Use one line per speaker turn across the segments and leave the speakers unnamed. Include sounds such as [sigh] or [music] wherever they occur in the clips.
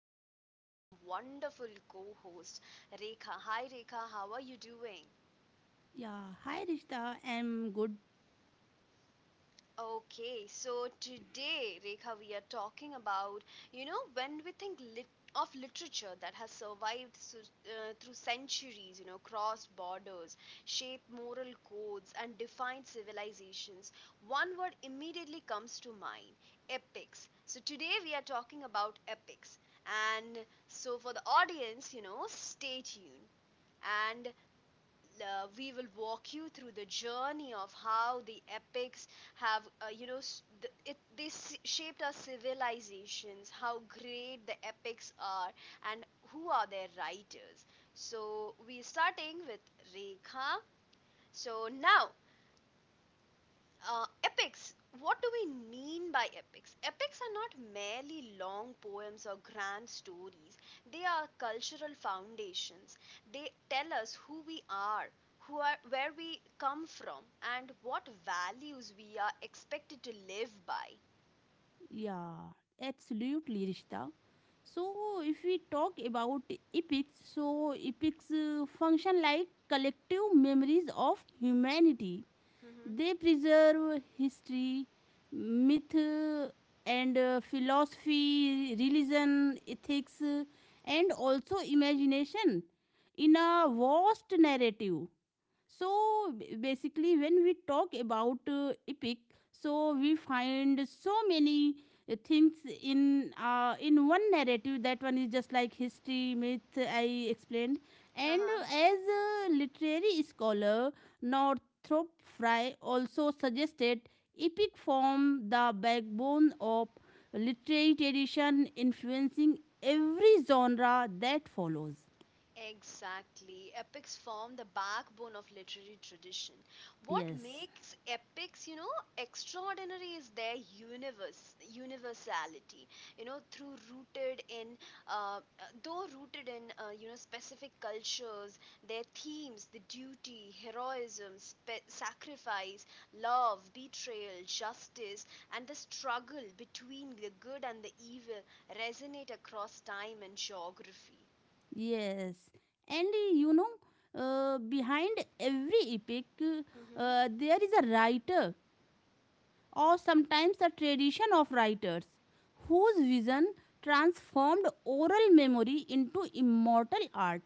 me we have a wonderful co host, Rekha. Hi, Rekha, how are you doing?
Yeah, Hi Rishta. I'm good.
Okay, so today, Rekha, we are talking about, when we of literature that has survived through centuries, crossed borders, shaped moral codes, and defined civilizations, one word immediately comes to mind epics. So today, we are talking about epics. And so, for the audience, stay tuned. And We will walk you through the journey of how the epics have they shaped our civilizations, how great the epics are, and who are their writers. So we're starting with Rekha. So now, epics. What do we mean by epics? Epics are not merely long poems or grand stories. They are cultural foundations. They tell us who we are, who are where we come from, and what values we are expected to live by.
Yeah, Absolutely, Rishta. So, if we talk about epics, so epics function like collective memories of humanity.
hmm
They preserve history, myth, and philosophy, religion, ethics, and also imagination in a vast narrative. Basically when we talk about epic, so we find so many things in one narrative. That one is just like history myth I explained. And
Uh-huh.
As a literary scholar, Northrop Frye also suggested epic form the backbone of literary tradition, influencing every genre that follows.
Exactly. Epics form the backbone of literary tradition. What
Yes.
makes epics, extraordinary is their universality. You know, through rooted in, uh, uh, though rooted in, specific cultures, their themes, the duty, heroism, sacrifice, love, betrayal, justice, and the struggle between the good and the evil resonate across time and geography.
Yes, and uh, you know, Behind every epic,
hmm
there is a writer, or sometimes a tradition of writers, whose vision transformed oral memory into immortal art.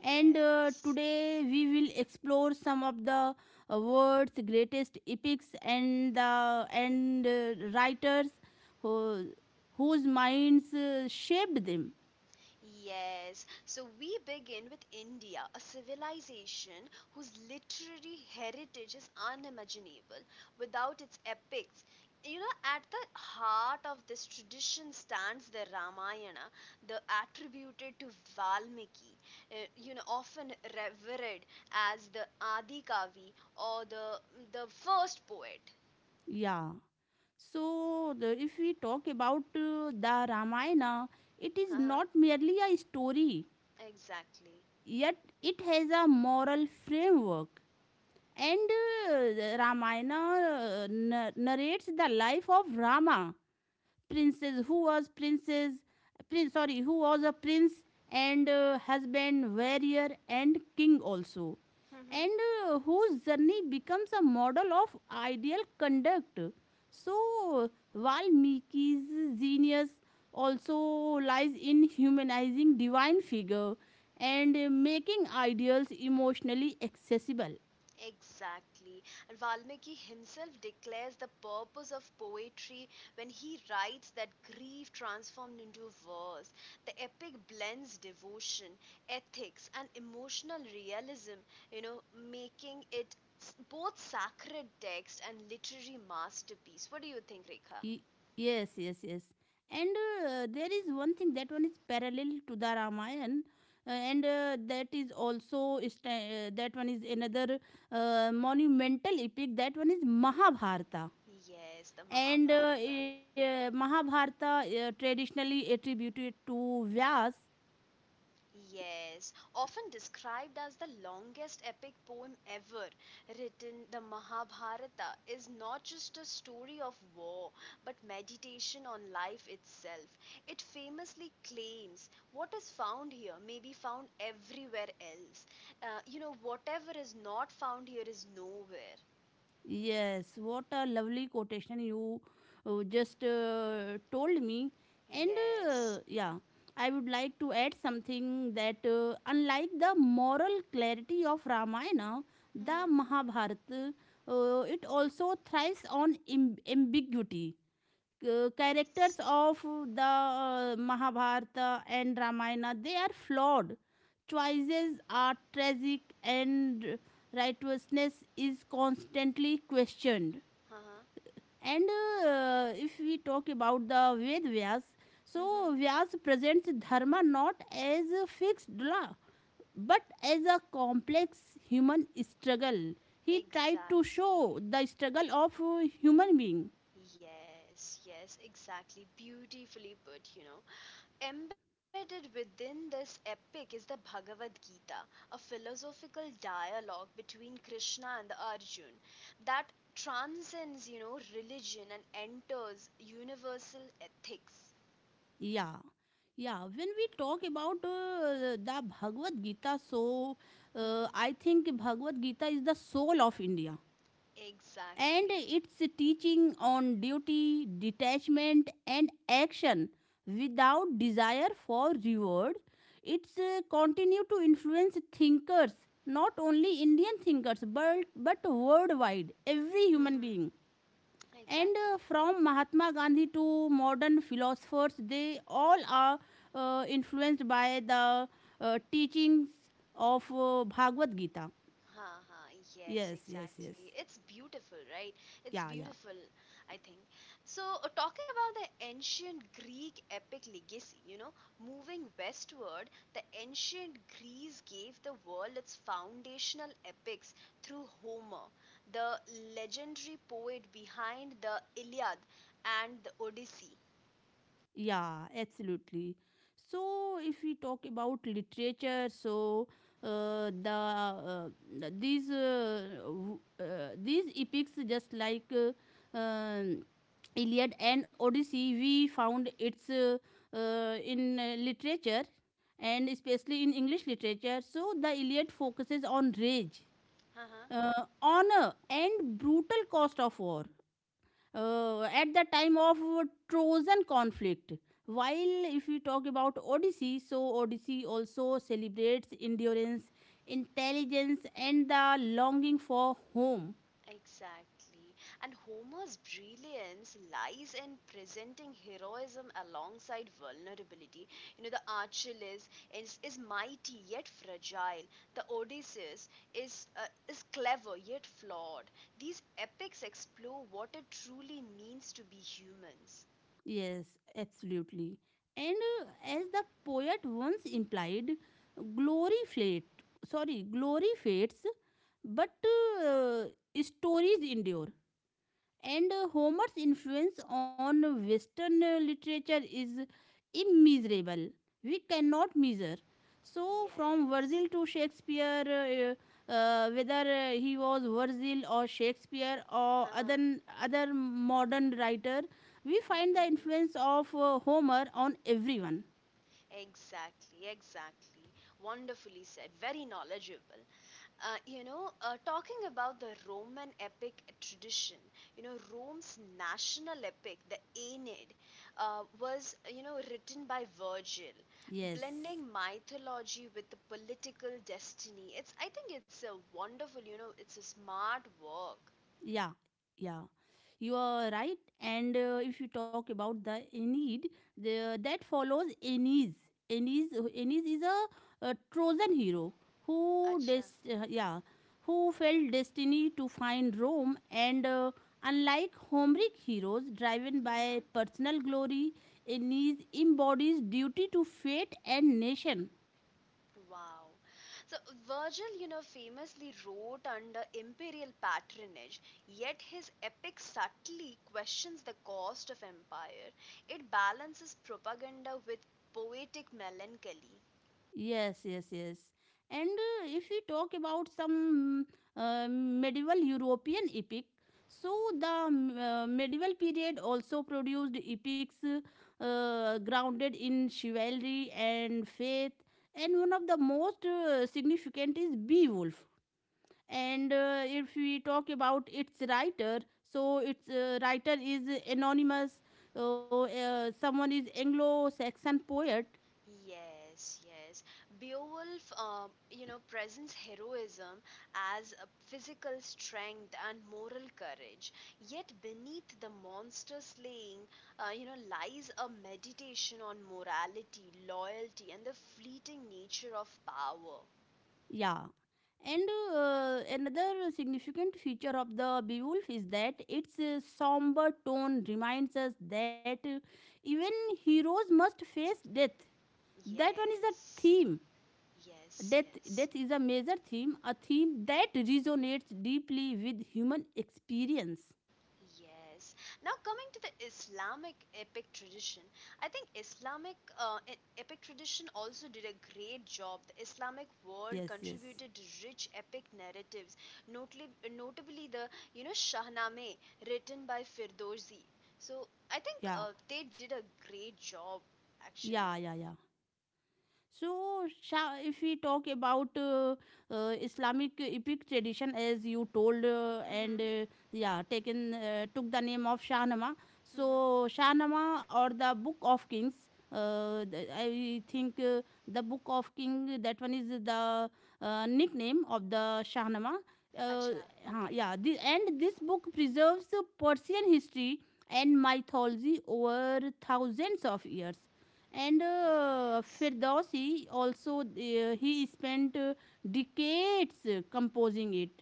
And Today we will explore some of the world's greatest epics and writers who, whose minds shaped them.
yes. So we begin with India, a civilization whose literary heritage is unimaginable without its epics. At the heart of this tradition stands the Ramayana, the attributed to Valmiki, often revered as the Adi Kavi or the first poet.
Yeah. So, if we talk about the Ramayana, it is
Uh-huh,
not merely a story,
exactly.
yet it has a moral framework. And uh, the Ramayana narrates the life of Rama, princess who was princess prince sorry who was a prince and husband, warrior, and king also, and
[laughs]
uh, whose journey becomes a model of ideal conduct. So Valmiki's genius also lies in humanizing divine figure and making ideals emotionally accessible.
Exactly. And Valmiki himself declares the purpose of poetry when he writes that grief transformed into verse. The epic blends devotion, ethics, and emotional realism, making it both sacred text and literary masterpiece. What do you think, Rekha?
Y- yes yes yes and there is one thing that one is parallel to the Ramayana, and that is also sta that one is another monumental epic. That one is Mahabharata.
Yes, the Mahabharata.
Mahabharata traditionally attributed to Vyas.
Yes, often described as the longest epic poem ever written, the Mahabharata is not just a story of war but meditation on life itself. It famously claims what is found here may be found everywhere else. Whatever is not found here is nowhere.
Yes, what a lovely quotation you just told me. And uh,
Yes,
yeah, I would like to add something that, unlike the moral clarity of Ramayana, the
hmm
Mahabharata, it also thrives on ambiguity. Characters
yes,
of the Mahabharata and Ramayana, they are flawed. Choices are tragic and righteousness is constantly questioned.
uh-huh.
And If we talk about the Ved Vyas, so
hmm
Vyas presents dharma not as a fixed law but as a complex human struggle. He tried to show the
exactly.
struggle of human being.
Yes, yes, exactly. Beautifully put. Embedded within this epic is the Bhagavad Gita, a philosophical dialogue between Krishna and the Arjun that transcends, religion and enters universal ethics.
Yeah. Yeah, when we talk about the Bhagavad Gita, so I
hmm
think Bhagavad Gita is the soul of India. And
Exactly.
its teaching on duty, detachment, and action without desire for reward, it's continue to influence thinkers, not only Indian thinkers, but worldwide, every human being.
hmm
And
Exactly.
From Mahatma Gandhi to modern philosophers, they all are influenced by the teachings of Bhagavad Gita.
Huh, huh, yes,
Yes, yes, yes.
exactly. It's beautiful, right? It's
Yeah, yeah.
beautiful, I think. So, talking about the ancient Greek epic legacy, moving westward, the ancient Greece gave the world its foundational epics through Homer, the legendary poet behind the Iliad and the Odyssey.
Yeah, absolutely. So, if we talk about literature, so uh, the uh, these epics, just like Iliad and Odyssey, we found it's in literature and especially in English literature. So, the Iliad focuses on rage,
Uh-huh.
honor, and brutal cost of war at the time of Trojan conflict. While if we talk about Odyssey, so Odyssey also celebrates endurance, intelligence, and the longing for home.
Exactly. And Homer's brilliance lies in presenting heroism alongside vulnerability. The Achilles is mighty yet fragile. The Odysseus is clever yet flawed. These epics explore what it truly means to be humans.
Yes, absolutely. And uh, as the poet once implied, glory fate, glory fades, but uh, stories endure. And Homer's influence on Western literature is immeasurable. We cannot measure. So, from
Yes.
Virgil to Shakespeare, whether he was Virgil or Shakespeare or
Uh-huh.
other modern writer, we find the
Hmm.
influence of Homer on everyone.
Exactly, exactly. Wonderfully said. Very knowledgeable. Talking about the Roman epic tradition, Rome's national epic, the Aeneid, was, written by Virgil,
Yes.
blending mythology with the political destiny. It's, I think it's a wonderful, it's a smart work.
Yeah, yeah. You are right. And If you talk about the Aeneid, that follows Aeneas. Aeneas, Aeneas is a Trojan hero who,
Acha.
dest- uh, yeah, who felt destiny to find Rome. And Unlike Homeric heroes driven by
[laughs]
personal glory, Aeneas embodies duty to fate and nation.
Wow. So Virgil, famously wrote under imperial patronage, yet his epic subtly questions the cost of empire. It balances propaganda with poetic melancholy.
Yes, yes, yes. And If we talk about some medieval European epic, so the medieval period also produced epics grounded in chivalry and faith. And one of the most significant is Beowulf. And If we talk about its writer, so its writer is anonymous. Someone is Anglo-Saxon poet.
Yes, yes. Beowulf, presents heroism as a physical strength and moral courage. Yet beneath the monster slaying, lies a meditation on morality, loyalty, and the fleeting nature of power.
Yeah. And Another significant feature of the Beowulf is that its somber tone reminds us that even heroes must face death. That one is the
Yes,
theme.
yes,
Death,
yes.
death is a major theme, a theme that resonates deeply with human experience.
Yes. Now coming to the Islamic epic tradition, I think Islamic epic tradition also did a great job. The Islamic world
Yes, yes.
contributed rich epic narratives, notably, notably the Shahnameh written by Firdowsi. So I think
Yeah,
they did a great job actually.
yeah, yeah, yeah. So, if we talk about Islamic epic tradition, as you told, and
Mhm.
yeah, taken took the name of Shahnama. So,
Mhm.
Shahnama, or the Book of Kings. I think the Book of King, that one is the nickname of the Shahnama. Uh,
Acha. Okay.
and this book preserves Persian history and mythology over thousands of years. And
Yes.
Firdausi also, he spent decades composing it.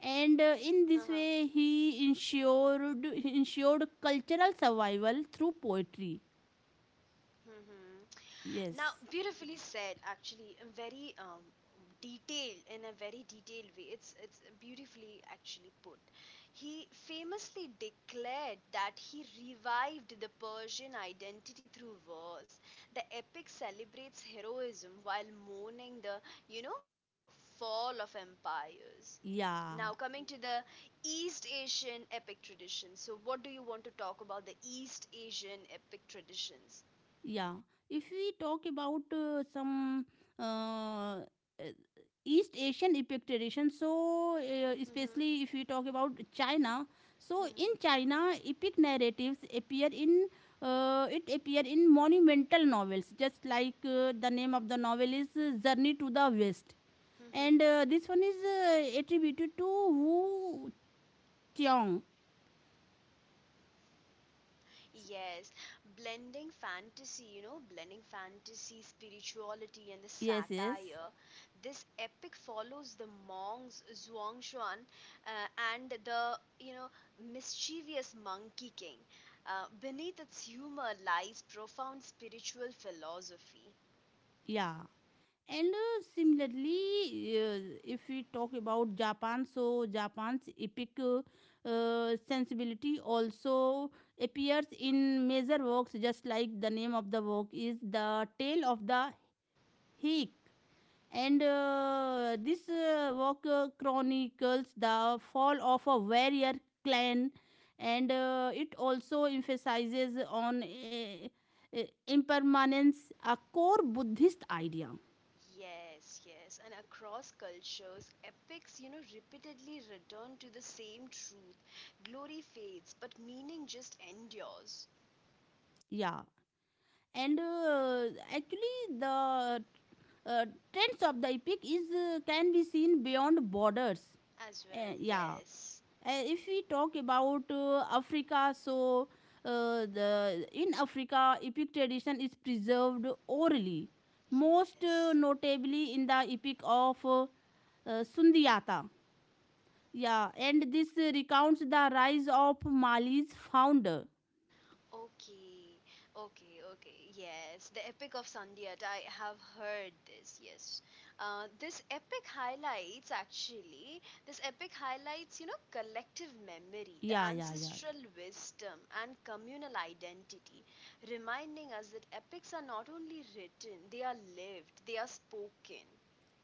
And In this
Uh-huh.
way, he ensured cultural survival through poetry.
Mhm.
Yes,
Now, beautifully said, actually, and very detailed in a very detailed way. It's beautifully actually put. He famously declared that he revived the Persian identity through verse. The epic celebrates heroism while mourning the you know fall of empires. Now,
yeah.
coming to the East Asian epic tradition. So, what do you want to talk about the East Asian epic traditions?
Yeah, if we talk about some uh, uh, East Asian epic, so
hmm
especially if we talk about China, so in
hmm
China, epic narratives appear in monumental novels, just like the name of the novel is Journey to the West,
hmm
and this one is attributed to Wu Qiong.
Yes, blending fantasy, spirituality, and the
Yes, yes,
satire. This epic follows the monks Zhuangshan uh, and the, mischievous Monkey King. Beneath its humor lies profound spiritual philosophy.
yeah. And Similarly, if we talk about Japan, so Japan's epic sensibility also appears in major works, just like the name of the work is The Tale of the Heik. And This work chronicles the fall of a warrior clan, and it also emphasizes on uh, impermanence, a core Buddhist idea.
Yes, yes, and across cultures, epics, repeatedly return to the same truth. Glory fades, but meaning just endures.
Yeah and Actually the uh, trends of the epic is can be seen beyond borders.
As
Uh,
well,
yeah
yes.
If we talk about Africa, so the in Africa epic tradition is preserved orally, most
Yes.
notably in the epic of Sundiyata. Yeah, and this recounts the rise of Mali's founder.
Okay. Okay, okay. Yes. The Epic of Sundiata. I have heard this. Yes. This epic highlights, collective memory, the
Yeah, yeah, yeah.
ancestral wisdom, and communal identity, reminding us that epics are not only written, they are lived, they are spoken.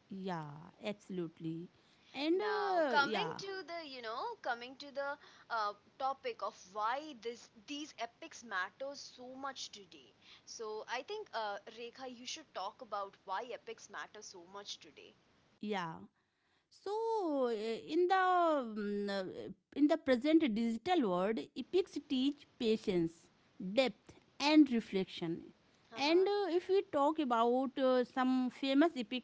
Yeah, absolutely. And
Now, coming
yeah,
to the, coming to the topic of why this these epics matter so much today. So, I think Rekha, you should talk about why epics matter so much today.
yeah. So In the in the present digital world, epics teach patience, depth, and reflection. And
Uh-huh.
If we talk about some famous epic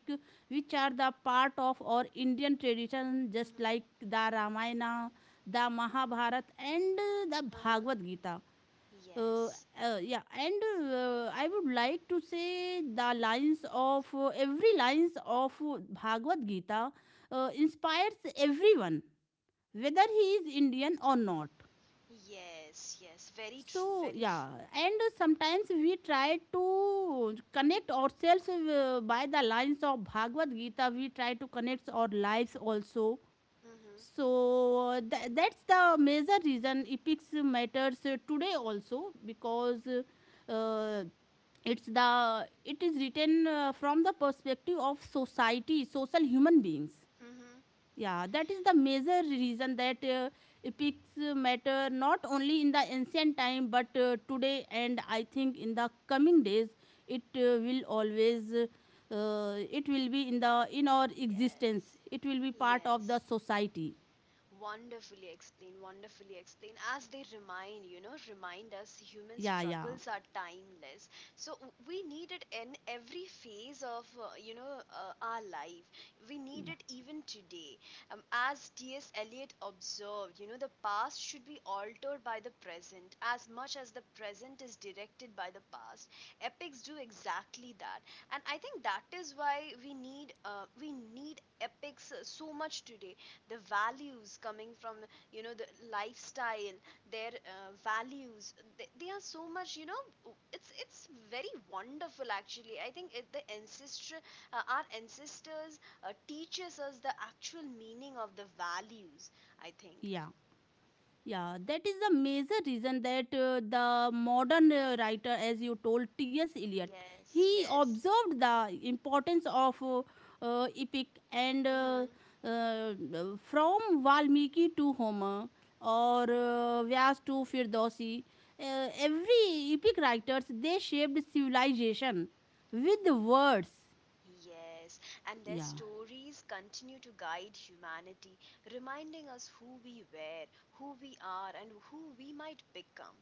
which are the part of our Indian tradition, just like
Mm-hmm.
the Ramayana, the Mahabharata, and the
Uh-huh.
Bhagavad Gita. Uh,
Yes.
yeah and I would like to say the lines of every lines of Bhagavad Gita inspires everyone, whether he is Indian or not.
Yes, yes. Very true.
So
Very true.
yeah. And sometimes we try to connect ourselves by the lines of Bhagavad Gita, we try to connect our lives also.
Mm-hmm.
So that's the major reason epics matters today also, because uh, it is written from the perspective of society, social human beings.
Mm-hmm.
Yeah, that is the major reason that epics matter not only in the ancient time but today, and I think in the coming days it will always, it will be in the in our existence,
Yes.
it will be part of
Yes.
the society.
Wonderfully explained, wonderfully explained. As they remind us human
Yeah, yeah,
struggles are timeless. So we need it in every phase of, our life. We
yeah,
need it even today. As T.S. Eliot observed, the past should be altered by the present as much as the present is directed by the past. Epics do exactly that. And I think that is why we we need epics so much today. The values coming from the lifestyle, their values, they are so much, you know. It's very wonderful actually, I think the ancestor, our ancestors teaches us the actual meaning of the values I think.
yeah. Yeah, that is the major reason that the modern writer, as you told, T.S. Eliot,
Yes,
he
yes.
observed the importance of epic and
Mhm.
uh, from Valmiki to Homer or Vyas to Firdosi. Every epic writers, they shaped civilization with words.
Yes, and their
Yeah,
stories continue to guide humanity, reminding us who we were, who we are, and who we might become.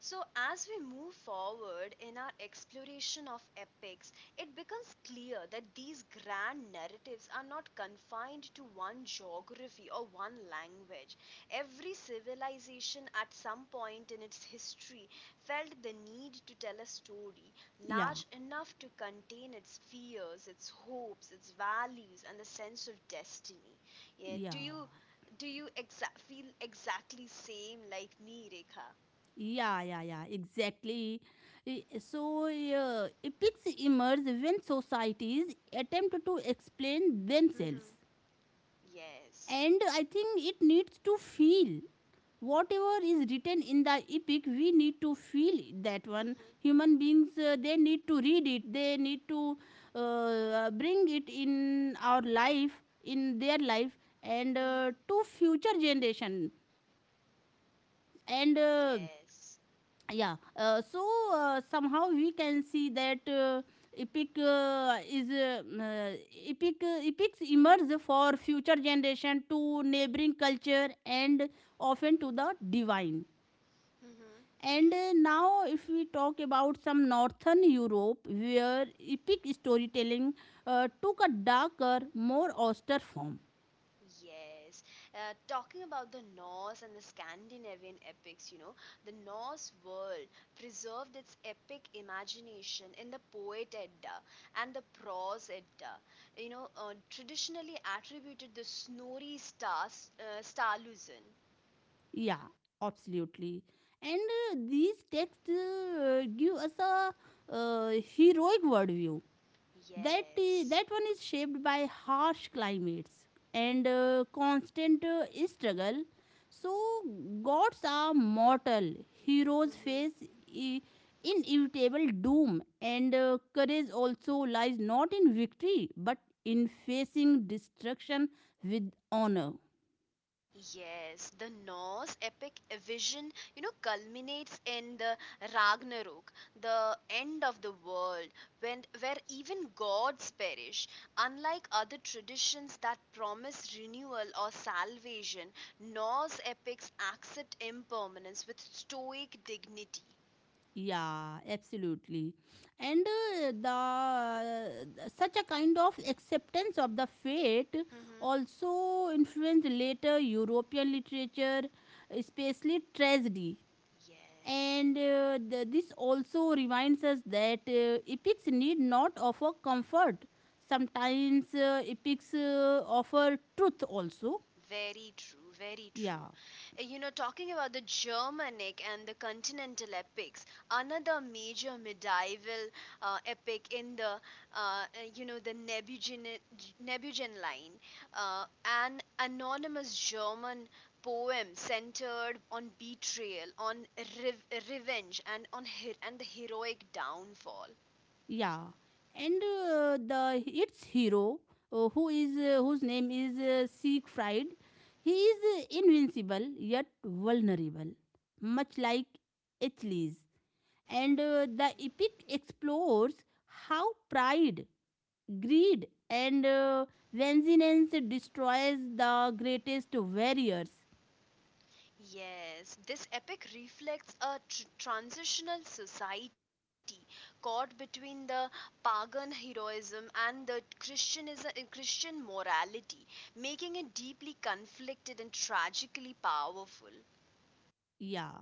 So, as we move forward in our exploration of epics, it becomes clear that these grand narratives are not confined to one geography or one language. Every civilization at some point in its history felt the need to tell a story
yeah,
large enough to contain its fears, its hopes, its values, and the sense of destiny. Yeah, do you
yeah.
feel exactly same like me, Rekha?
Yeah, yeah, yeah, exactly. So, epics emerge when societies attempt to explain themselves.
[laughs] Yes.
And I think it needs to feel. Whatever is written in the epic, we need to feel that one.
Mm-hmm.
Human beings, they need to read it, they need to bring it in our life, in their life, and
Mm-hmm.
to future generation. And
Yes.
yeah so Somehow we can see that epic is mm, uh, epic epics emerge for future generation, to neighboring culture, and often to the divine.
Mm-hmm.
And Now if we talk about some northern Europe, where epic storytelling took a darker, more austere form.
Yes. Talking about the Norse and the Scandinavian epics, the Norse world preserved its epic imagination in the poet Edda and the prose Edda. Traditionally attributed the Snorri Stas, Sturluson.
Yeah, absolutely. And These texts give us a uh, heroic worldview that that
Yes.
one is shaped by harsh climates and constant struggle. So gods are mortal, heroes face
Mm-hmm.
i- inevitable doom, and courage also lies not in victory but in facing destruction with honor.
Yes, the Norse epic vision, culminates in the Ragnarok, the end of the world, when where even gods perish. Unlike other traditions that promise renewal or salvation, Norse epics accept impermanence with stoic dignity.
Yeah, absolutely. And The such a kind of acceptance of the fate
hmm
also influenced later European literature, especially tragedy.
Yes.
And this also reminds us that epics need not offer comfort. Sometimes epics offer truth also.
Very true, very true.
Yeah.
Talking about the Germanic and the continental epics, another major medieval epic in the, uh, uh, you know, the Nebuchadnezzar Nebuchadnezzar line, an anonymous German poem centered on betrayal, on rev- revenge, and on and the heroic downfall.
Yeah, and the its hero, whose name is Siegfried, he is invincible yet vulnerable, much like Achilles. And The epic explores how pride, greed, and vengeance destroys the greatest warriors.
Yes, this epic reflects a transitional society caught between the pagan heroism and the Christianism, Christian morality, making it deeply conflicted and tragically powerful.
Yeah.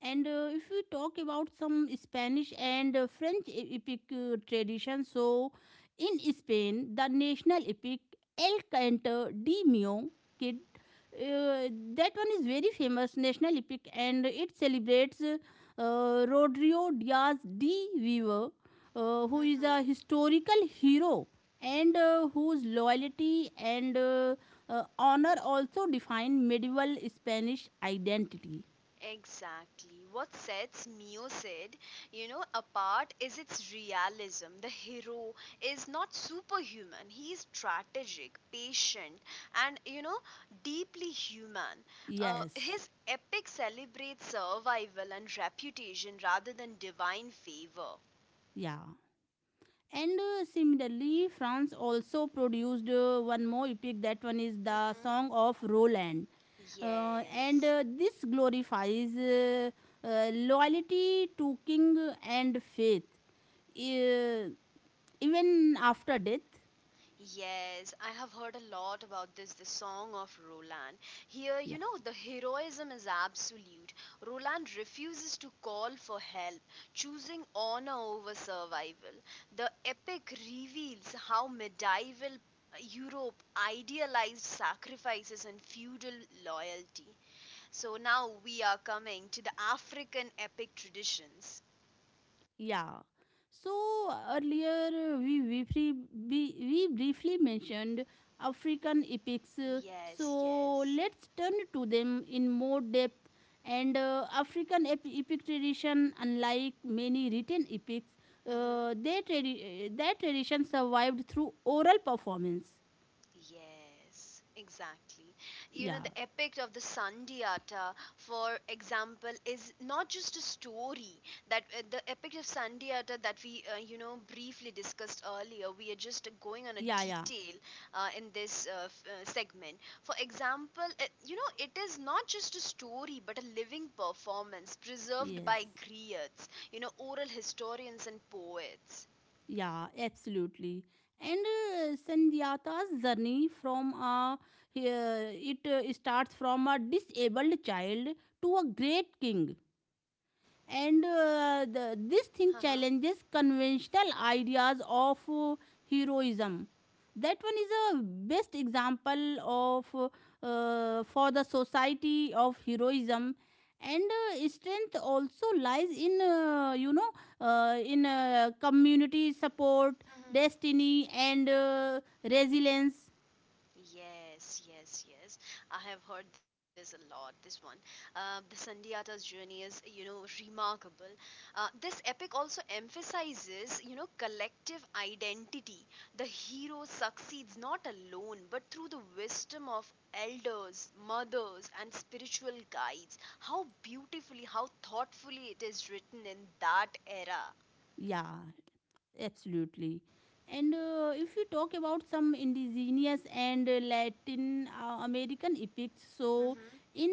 And If we talk about some Spanish and French epic tradition, so in Spain, the national epic El Canto de Mio Kid, uh, that one is very famous national epic and it celebrates Rodrigo Diaz de Viva, who is
Mhm.
a historical hero and whose loyalty and honor also define medieval Spanish identity.
Exactly. What sets Mio Sid, apart is its realism. The hero is not superhuman. He is strategic, patient, and, deeply human.
Yes.
His epic celebrates survival and reputation rather than divine favor.
Yeah. And Similarly, France also produced one more epic. That one is the
hmm
Song of Roland. And
Yes.
This glorifies loyalty to king and faith, uh, even after death.
Yes, I have heard a lot about this, the Song of Roland. Here,
Yeah.
the heroism is absolute. Roland refuses to call for help, choosing honor over survival. The epic reveals how medieval Europe idealized sacrifices and feudal loyalty. So now we are coming to the African epic traditions.
Yeah. So earlier we briefly mentioned African epics. uh,
Yes,
So
yes.
let's turn to them in more depth. And African epic tradition, unlike many written epics,
Mm-hmm.
their tradition survived through oral performance.
Yes, exactly.
Yeah,
The epic of the Sandiata, for example, is not just a story. That The epic of Sandiata that we, briefly discussed earlier. We are just going on a
yeah, yeah.
detail in this segment. For example, it is not just a story, but a living performance preserved by
Yes.
griots, oral historians and poets.
Yeah, absolutely. And Sanjata's journey from a he- it starts from a disabled child to a great king and this thing
Uh-huh.
challenges conventional ideas of heroism. That one is a best example of for the society of heroism, and strength also lies in, community support,
Mm-hmm.
destiny, and resilience.
Yes, yes, yes. I have heard this a lot. This one, the Sundiata's journey is, remarkable. This epic also emphasizes, collective identity. The hero succeeds not alone, but through the wisdom of elders, mothers, and spiritual guides. How beautifully, how thoughtfully it is written in that era.
Yeah, absolutely. And If you talk about some indigenous and Latin American epics, so in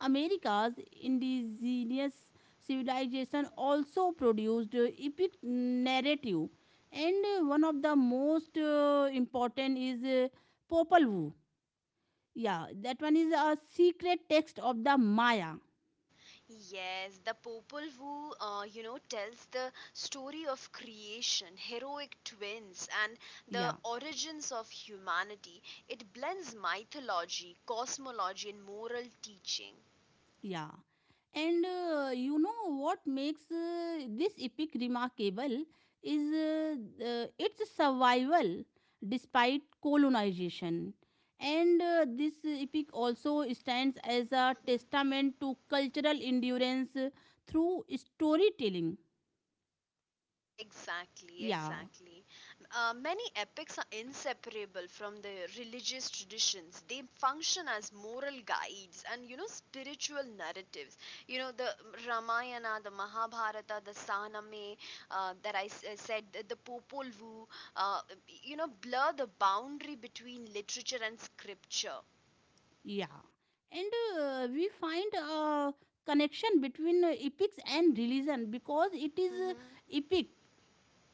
America's indigenous civilization also produced epic narrative, and one of the most important is Popol Vuh. Yeah, that one is a secret text of the Maya.
Yes, the Popol Vuh, tells the story of creation, heroic twins, and the
Yeah.
origins of humanity. It blends mythology, cosmology, and moral teaching.
Yeah. And You know what makes this epic remarkable is its survival despite colonization. And This epic also stands as a testament to cultural endurance through storytelling.
Exactly,
Yeah,
exactly. Many epics are inseparable from the religious traditions. They function as moral guides and spiritual narratives. The Ramayana, the Mahabharata, the Saname that I said, the Popol Vuh. Uh, blur the boundary between literature and scripture.
yeah. And We find a connection between epics and religion because it is
Mm-hmm,
epic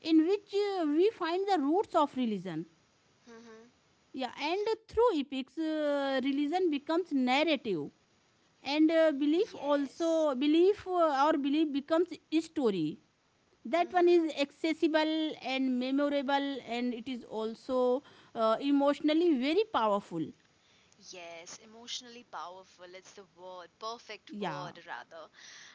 in which we find the roots of religion.
mm-hmm.
Yeah, and through epics, religion becomes narrative, and belief
Yes.
also belief or belief becomes story. That one
Mm-hmm.
is accessible and memorable, and it is also emotionally very powerful.
Yes, emotionally powerful. It's the word, perfect
Yeah.
word, rather.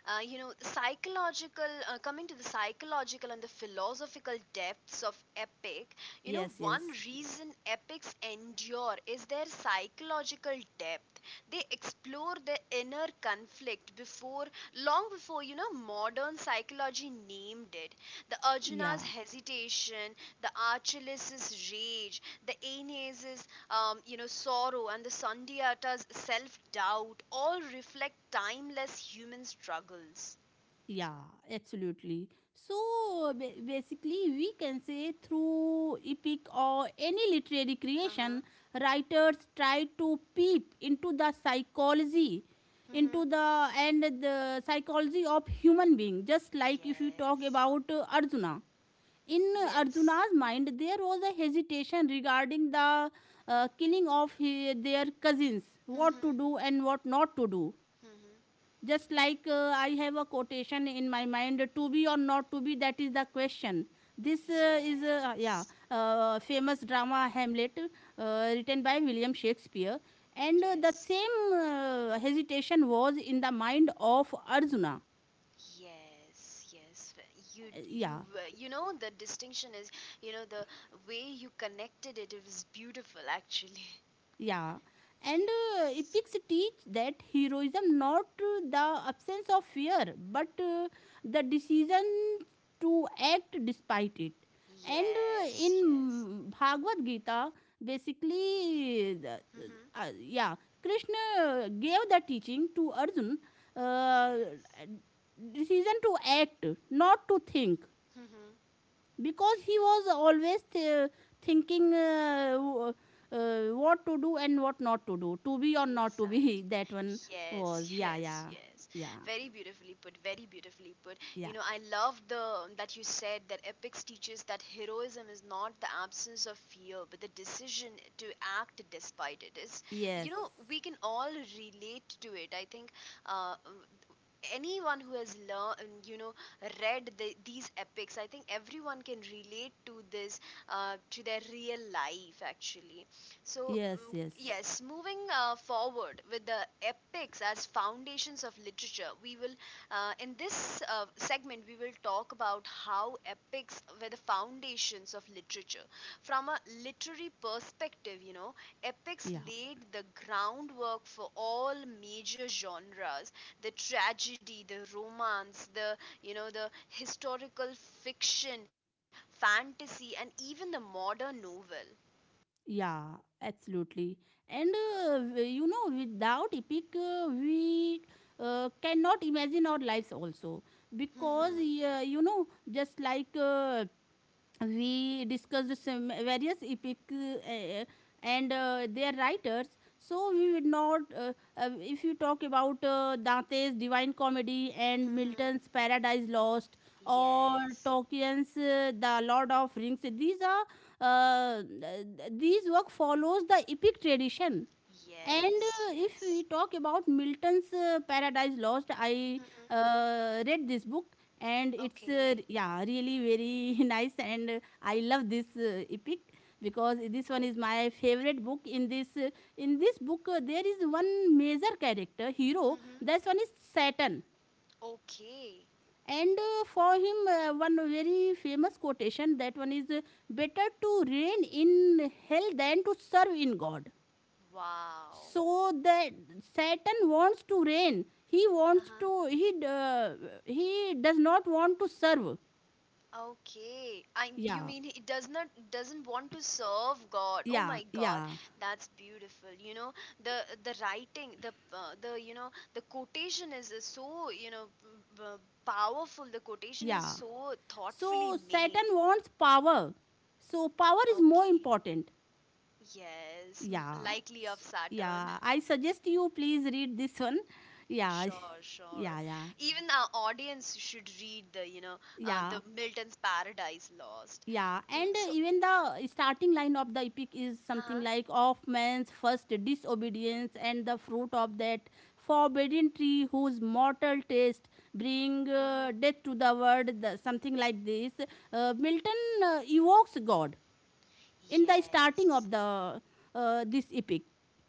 Psychological, coming to the psychological and the philosophical depths of epic,
Yes.
one
Yes.
reason epics endure is their psychological depth. They explore the inner conflict before, long before, modern psychology named it. The Arjuna's
Yeah.
hesitation, the Achilles' rage, the Aeneas', sorrow and the Sundiata's self doubt all reflect timeless human struggles.
Yeah, absolutely. So basically, we can say through epic or any literary creation,
Uh-huh.
writers try to peep into the psychology, into
Mm-hmm.
the and the psychology of human being. Just like if you talk
Yes.
about Arjuna, in
Yes.
Arjuna's mind, there was a hesitation regarding the killing of their cousins, what to
Mm-hmm.
do and what not to do.
Mm-hmm.
Just like, I have a quotation in my mind, to be or not to be, that is the question. This uh, is uh, uh, yeah
Yes.
uh, famous drama Hamlet, written by William Shakespeare, and the
Yes.
same hesitation was in the mind of Arjuna.
Yes, yes. You,
Uh,
you,
yeah
uh, you know, the distinction is, the way you connected it, it was beautiful, actually.
yeah,
[laughs]
and
Yes.
epics teach that heroism not the absence of fear but the decision to act despite it. And
Yes, yes.
in Bhagavad Gita, basically the-
Mm-hmm.
yeah Krishna gave the teaching to Arjun, uh,
Yes.
decision to act, not to think,
Mm-hmm.
because he was always thinking, what to do and what not to do, to be or not to
Exactly.
be [laughs] that one was.
Yes, [laughs]
Yeah,
yes,
yeah,
yes.
yeah,
Very beautifully put. Very beautifully put. You
yeah.
know, I love the that you said that epics teaches that heroism is not the absence of fear, but the decision to act despite it. Is you
Yes,
know we can all relate to it. I think uh, um, anyone who has learned read these epics. I think everyone can relate to this to their real life actually. So
yes, yes.
yes, moving forward with the epics as foundations of literature we will in this segment we will talk about how epics were the foundations of literature from a literary perspective. You know, epics
Yeah,
laid the groundwork for all major genres, the tragedy, the romance, the the historical fiction, fantasy and even the modern novel.
yeah, absolutely. And you know, without epic, we cannot imagine our lives also, because,
Mm-hmm.
you know, just like, we discussed some various epic uh, and their writers. So we would not, if you talk about Dante's Divine Comedy and
Mm-hmm.
Milton's Paradise Lost, or
Yes,
Tolkien's The Lord of Rings, these are uh, th- these work follows the epic tradition. And
yes,
if
yes.
we talk about Milton's Paradise Lost, I
Mm-hmm.
read this book, and it's
Okay.
really very [laughs] nice, and I love this epic, because this one is
Okay.
my favorite book. In this book, there is one major character hero.
Mm-hmm.
That one is Saturn.
Okay.
And for him, one very famous quotation, that one is, better to reign in hell than to serve in God.
Wow.
So that Saturn wants to reign. He wants
Uh-huh.
to, he does not want to serve.
Okay, I you
Yeah,
mean it does not doesn't want to serve God. Oh
yeah,
my God,
yeah,
that's beautiful. You know the the writing, the the quotation is so you know powerful. The quotation is
yeah.
so
So
thoughtfully
Saturn
made.
wants power, so power is more
Okay,
important.
yes, m-
Yeah.
likely of
S-
Saturn.
yeah,
[laughs]
I suggest you please read this one. Yeah
Sure,
[laughs]
sure.
yeah, yeah,
Even our audience should read the
yeah.
the Milton's Paradise Lost.
Yeah,
Mm,
and
so,
even the starting line of the epic is something
huh?
like, of man's first disobedience and the fruit of that forbidden tree whose mortal taste bring
Hmm.
death to the world, the, something like this. Milton evokes God in the starting
Yes.
of the this epic.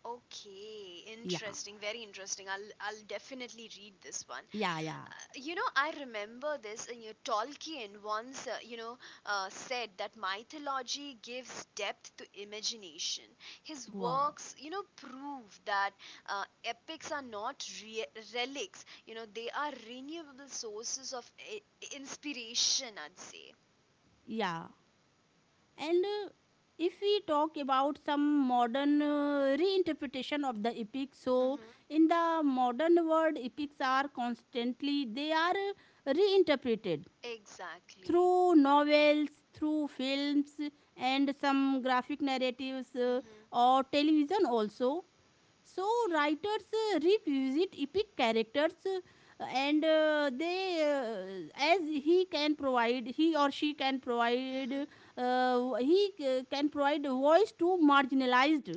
Okay,
Yeah,
interesting, very interesting. I'll definitely read this one.
yeah, yeah.
Uh, I remember this. And you know, Tolkien once, said that mythology gives depth to imagination. His
Wow.
works, you know, prove that epics are not relics. You know, they are renewable sources of inspiration, I'd say.
Yeah. And if we talk about some modern reinterpretation of the epic, so
Mm-hmm.
in the modern world, epics are constantly, they are reinterpreted
Exactly.
through novels, through films, and some graphic narratives,
Mm-hmm.
or television also. So writers revisit epic characters, and they as he can provide he or she can provide,
Mm-hmm.
he can provide a voice to marginalized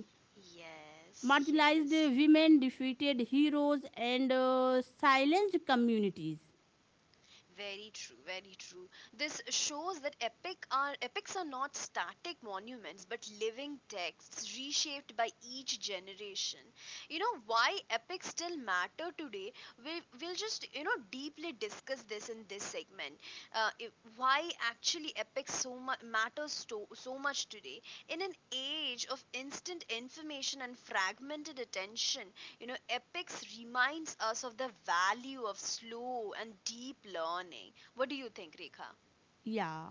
Yes.
marginalized
Yes.
women, defeated heroes, and silenced communities.
Very true, very true. This shows that epics are not static monuments but living texts reshaped by each generation. You know why epics still matter today? We'll just deeply discuss this in this segment. Uh, i- why actually epics so much matters so, so much today in an age of instant information and fragmented attention. You know, epics reminds us of the value of slow and deep learning. What do you think, Rekha?
Yeah.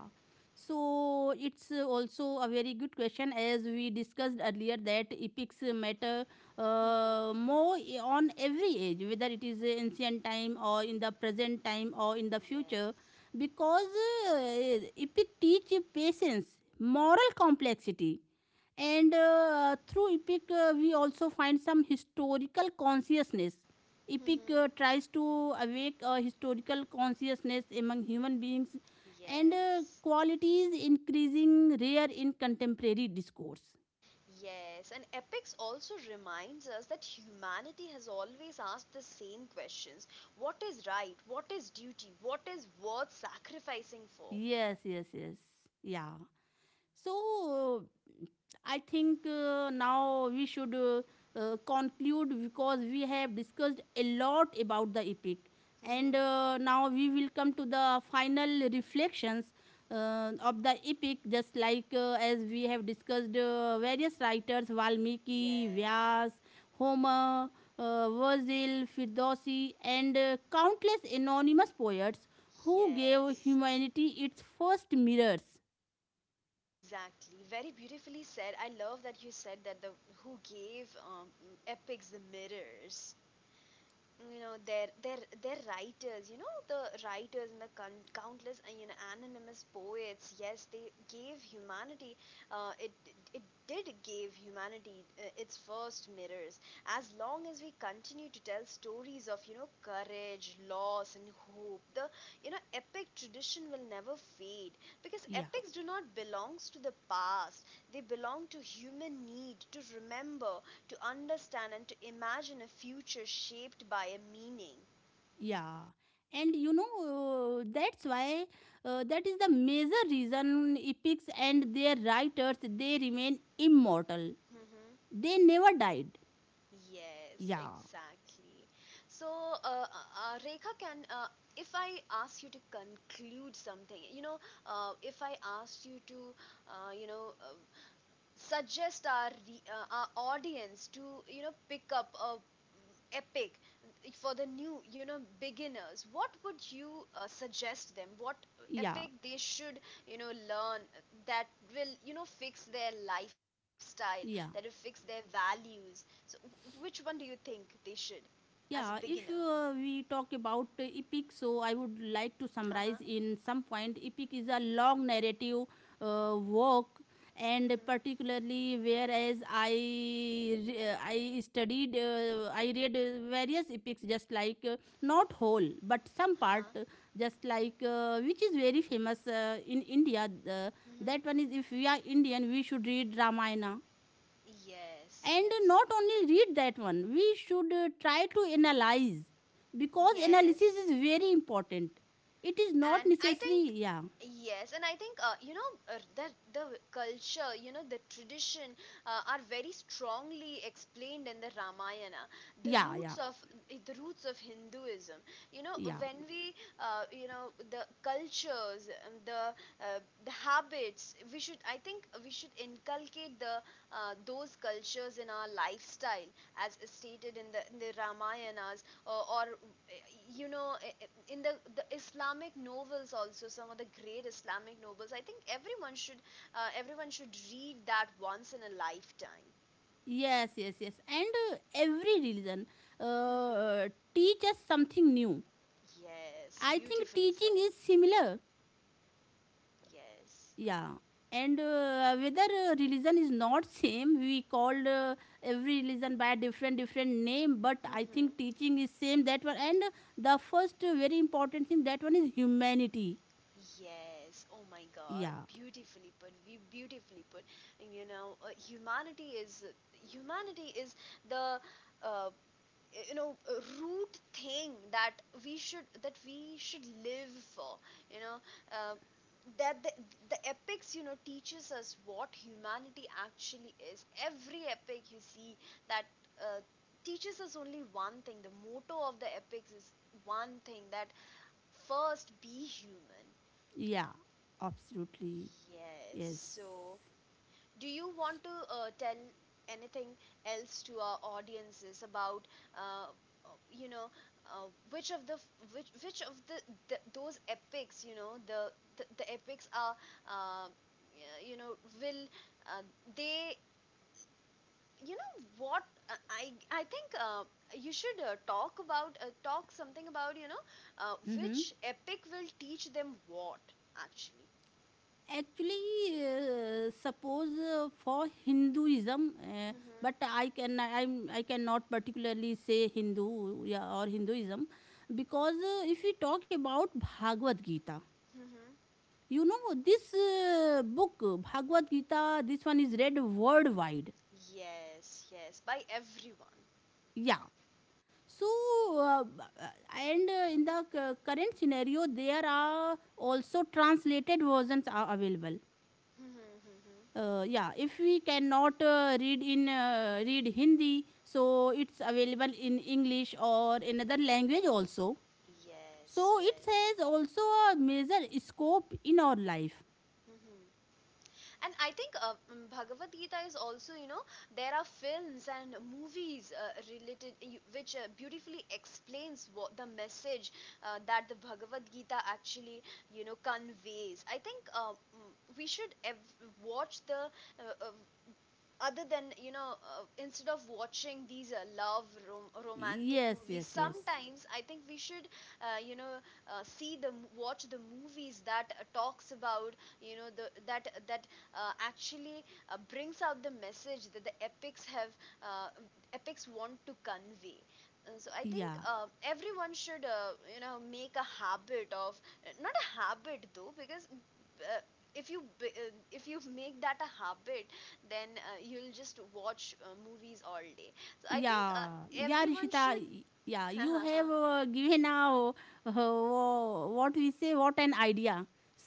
So it's also a very good question, as we discussed earlier, that epics matter uh,
Mm-hmm.
more i- on every age, whether it is ancient time or in the present time or in the future,
Yes.
because uh, epic teach patience, moral complexity, and through epic, we also find some historical consciousness. Epic
Hmm.
tries to awake a historical consciousness among human beings, and
Yes.
qualities increasing rare in contemporary discourse.
Yes, and epics also reminds us that humanity has always asked the same questions. What is right? What is duty? What is worth sacrificing for?
Yes, yes, yes. Yeah. So I think now we should conclude, because we have discussed a lot about the epic, and
Hmm.
now we will come to the final reflections of the epic. Just like, as we have discussed, various writers Valmiki,
Yes.
Vyas, Homer, Virgil, Firdosi, and countless anonymous poets who gave
Yes.
humanity its first mirrors.
Exactly. Very beautifully said. I love that you said that the who gave epics the mirrors. You know their their writers, you know, the writers and the countless anonymous poets. Yes, they gave humanity it, it did give humanity its first mirrors. As long as we continue to tell stories of courage, loss and hope, the epic tradition will never fade, because
Yeah.
epics do not belongs to the past. They belong to human need to remember, to understand and to imagine a future shaped by a meaning.
Yeah, and you know, that's why that is the major reason epics and their writers, they remain immortal.
Hmm.
They never died.
Yes,
Yeah,
exactly. So, Rekha, can, if I ask you to conclude something, you know, if I asked you to, uh, you know, uh, suggest our audience to pick up a epic for the new beginners. What would you suggest them, what
yeah,
epic they should learn that will fix their lifestyle, that will
yeah.
fix their values? So which one do you think they should, as a
Yeah,
beginner?
if we talk about epic, so I would like to summarize
Uh-huh.
in some point. Epic is a long narrative work, and
Mhm.
particularly whereas I re- I studied I read various epics, just like, not whole but some part,
Uh-huh.
just like, which is very famous in India. Uh,
Mhm.
that one is, if we are Indian, we should read Ramayana,
Yes.
and
yes
not only read that one, we should try to analyze, because analysis
yes
is very important. It is not
and I think
necessary. Yeah,
yes and I think the culture, you know, the tradition are very strongly explained in the Ramayana, the
yeah, yeah,
roots of the roots of Hinduism. You know,
yeah.
when we the cultures uh, the habits, we should, I think we should inculcate the those cultures in our lifestyle, as stated in the Ramayanas, or you know in the Islamic novels also. Some of the great Islamic novels, I think everyone should read that once in a lifetime.
Yes, yes, yes. And every religion uh,
Mm-hmm.
teach something new.
Yes,
I think
beautifully
teaching
said.
is similar.
Yes.
Yeah. And whether religion is not same, we called every religion by different different name, but I think
Mm-hmm.
teaching is same, that one. And the first very important thing, that one is humanity.
Yes. Oh my God.
Yeah,
Beautifully put. Be- beautifully put. You know, humanity is the uh, you know root thing that we should, that we should live for, you know uh, that the epics, you know, teaches us what humanity actually is. Every epic you see, that uh, teaches us only one thing. The motto of the epics is one thing, that first be human.
yeah, absolutely.
Yes,
Yes.
so do you want to tell anything else to our audiences about uh, you know which of the which of the those epics, you know, the the epics are uh, you know will uh, they you know what I think you should talk about talk something about, you know,
Mm-hmm.
which epic will teach them what actually.
Actually, suppose, for Hinduism, uh,
Mm-hmm.
but I can I'm I cannot particularly say Hindu, yeah, or Hinduism, because if we talk about Bhagavad Gita,
Mm-hmm.
you know, this book Bhagavad Gita, this one is read worldwide.
Yes, yes, by everyone.
Yeah. So uh, and in the current scenario, there are also translated versions are available,
Mhm, mhm.
yeah, if we cannot read Hindi, so it's available in English or another language also.
Yes,
So it
yes.
has also a major scope in our life.
Mhm. And I think Bhagavad Gita is also, you know, there are films and movies related which beautifully explains what the message that the Bhagavad Gita actually, you know, conveys. I think we should watch the uh, uh, other than instead of watching these love romantic
Yes,
movies
yes, yes.
sometimes. I think we should uh, you know see watch the movies that talks about, you know, the that that actually brings out the message that the epics have uh, epics want to convey. So I think
Yeah,
everyone should make a habit of, not a habit though, because uh, if you b- uh, if you make that a habit then you'll just watch movies all day. So I think
yeah, yeah,
everyone
Rishita.
should.
Yeah,
[laughs]
you have given now, what we say, what an idea.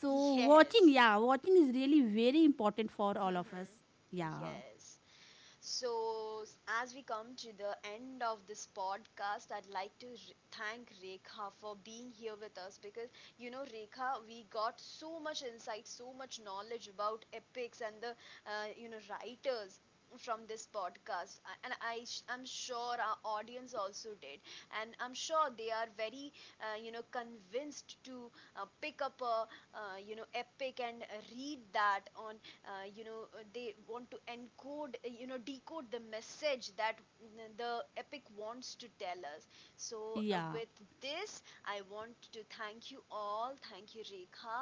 So watching,
Yes.
yeah, watching is really very important for all of us.
[laughs]
Yeah,
Yes. So, as we come to the end of this podcast, I'd like to thank Rekha for being here with us. Because you know, Rekha, we got so much insight, so much knowledge about epics and the writers from this podcast. And I'm sure our audience also did, and I'm sure they are very convinced to pick up a epic and read that on. They want to encode decode the message that the epic wants to tell us. So
yeah.
with this I want to thank you all. Thank you, Rekha,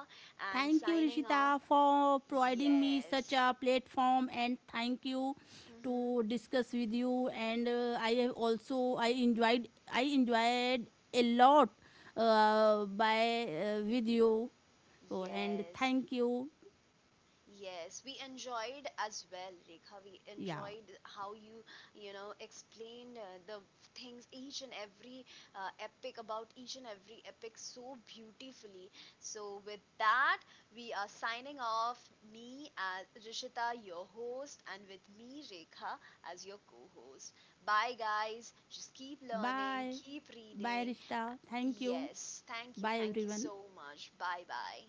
and
Thank you,
signing off.
Rishita, for providing me such
Yes.
a platform, and thank you to
Hmm.
discuss with you. And I have also I enjoyed a lot, by with you. Oh, and
Yes.
thank you.
Yes, we enjoyed as well, Rekha. We
Yeah.
enjoyed how you, you know, explained the things, each and every epic, about each and every epic so beautifully. So, with that, we are signing off. Me as Rishita, your host, and with me, Rekha, as your co host. Bye, guys. Just keep learning,
Bye.
keep
Bye,
reading.
Rishita. Thank you.
Yes,
Bye,
thank you
everyone.
so much. Bye bye.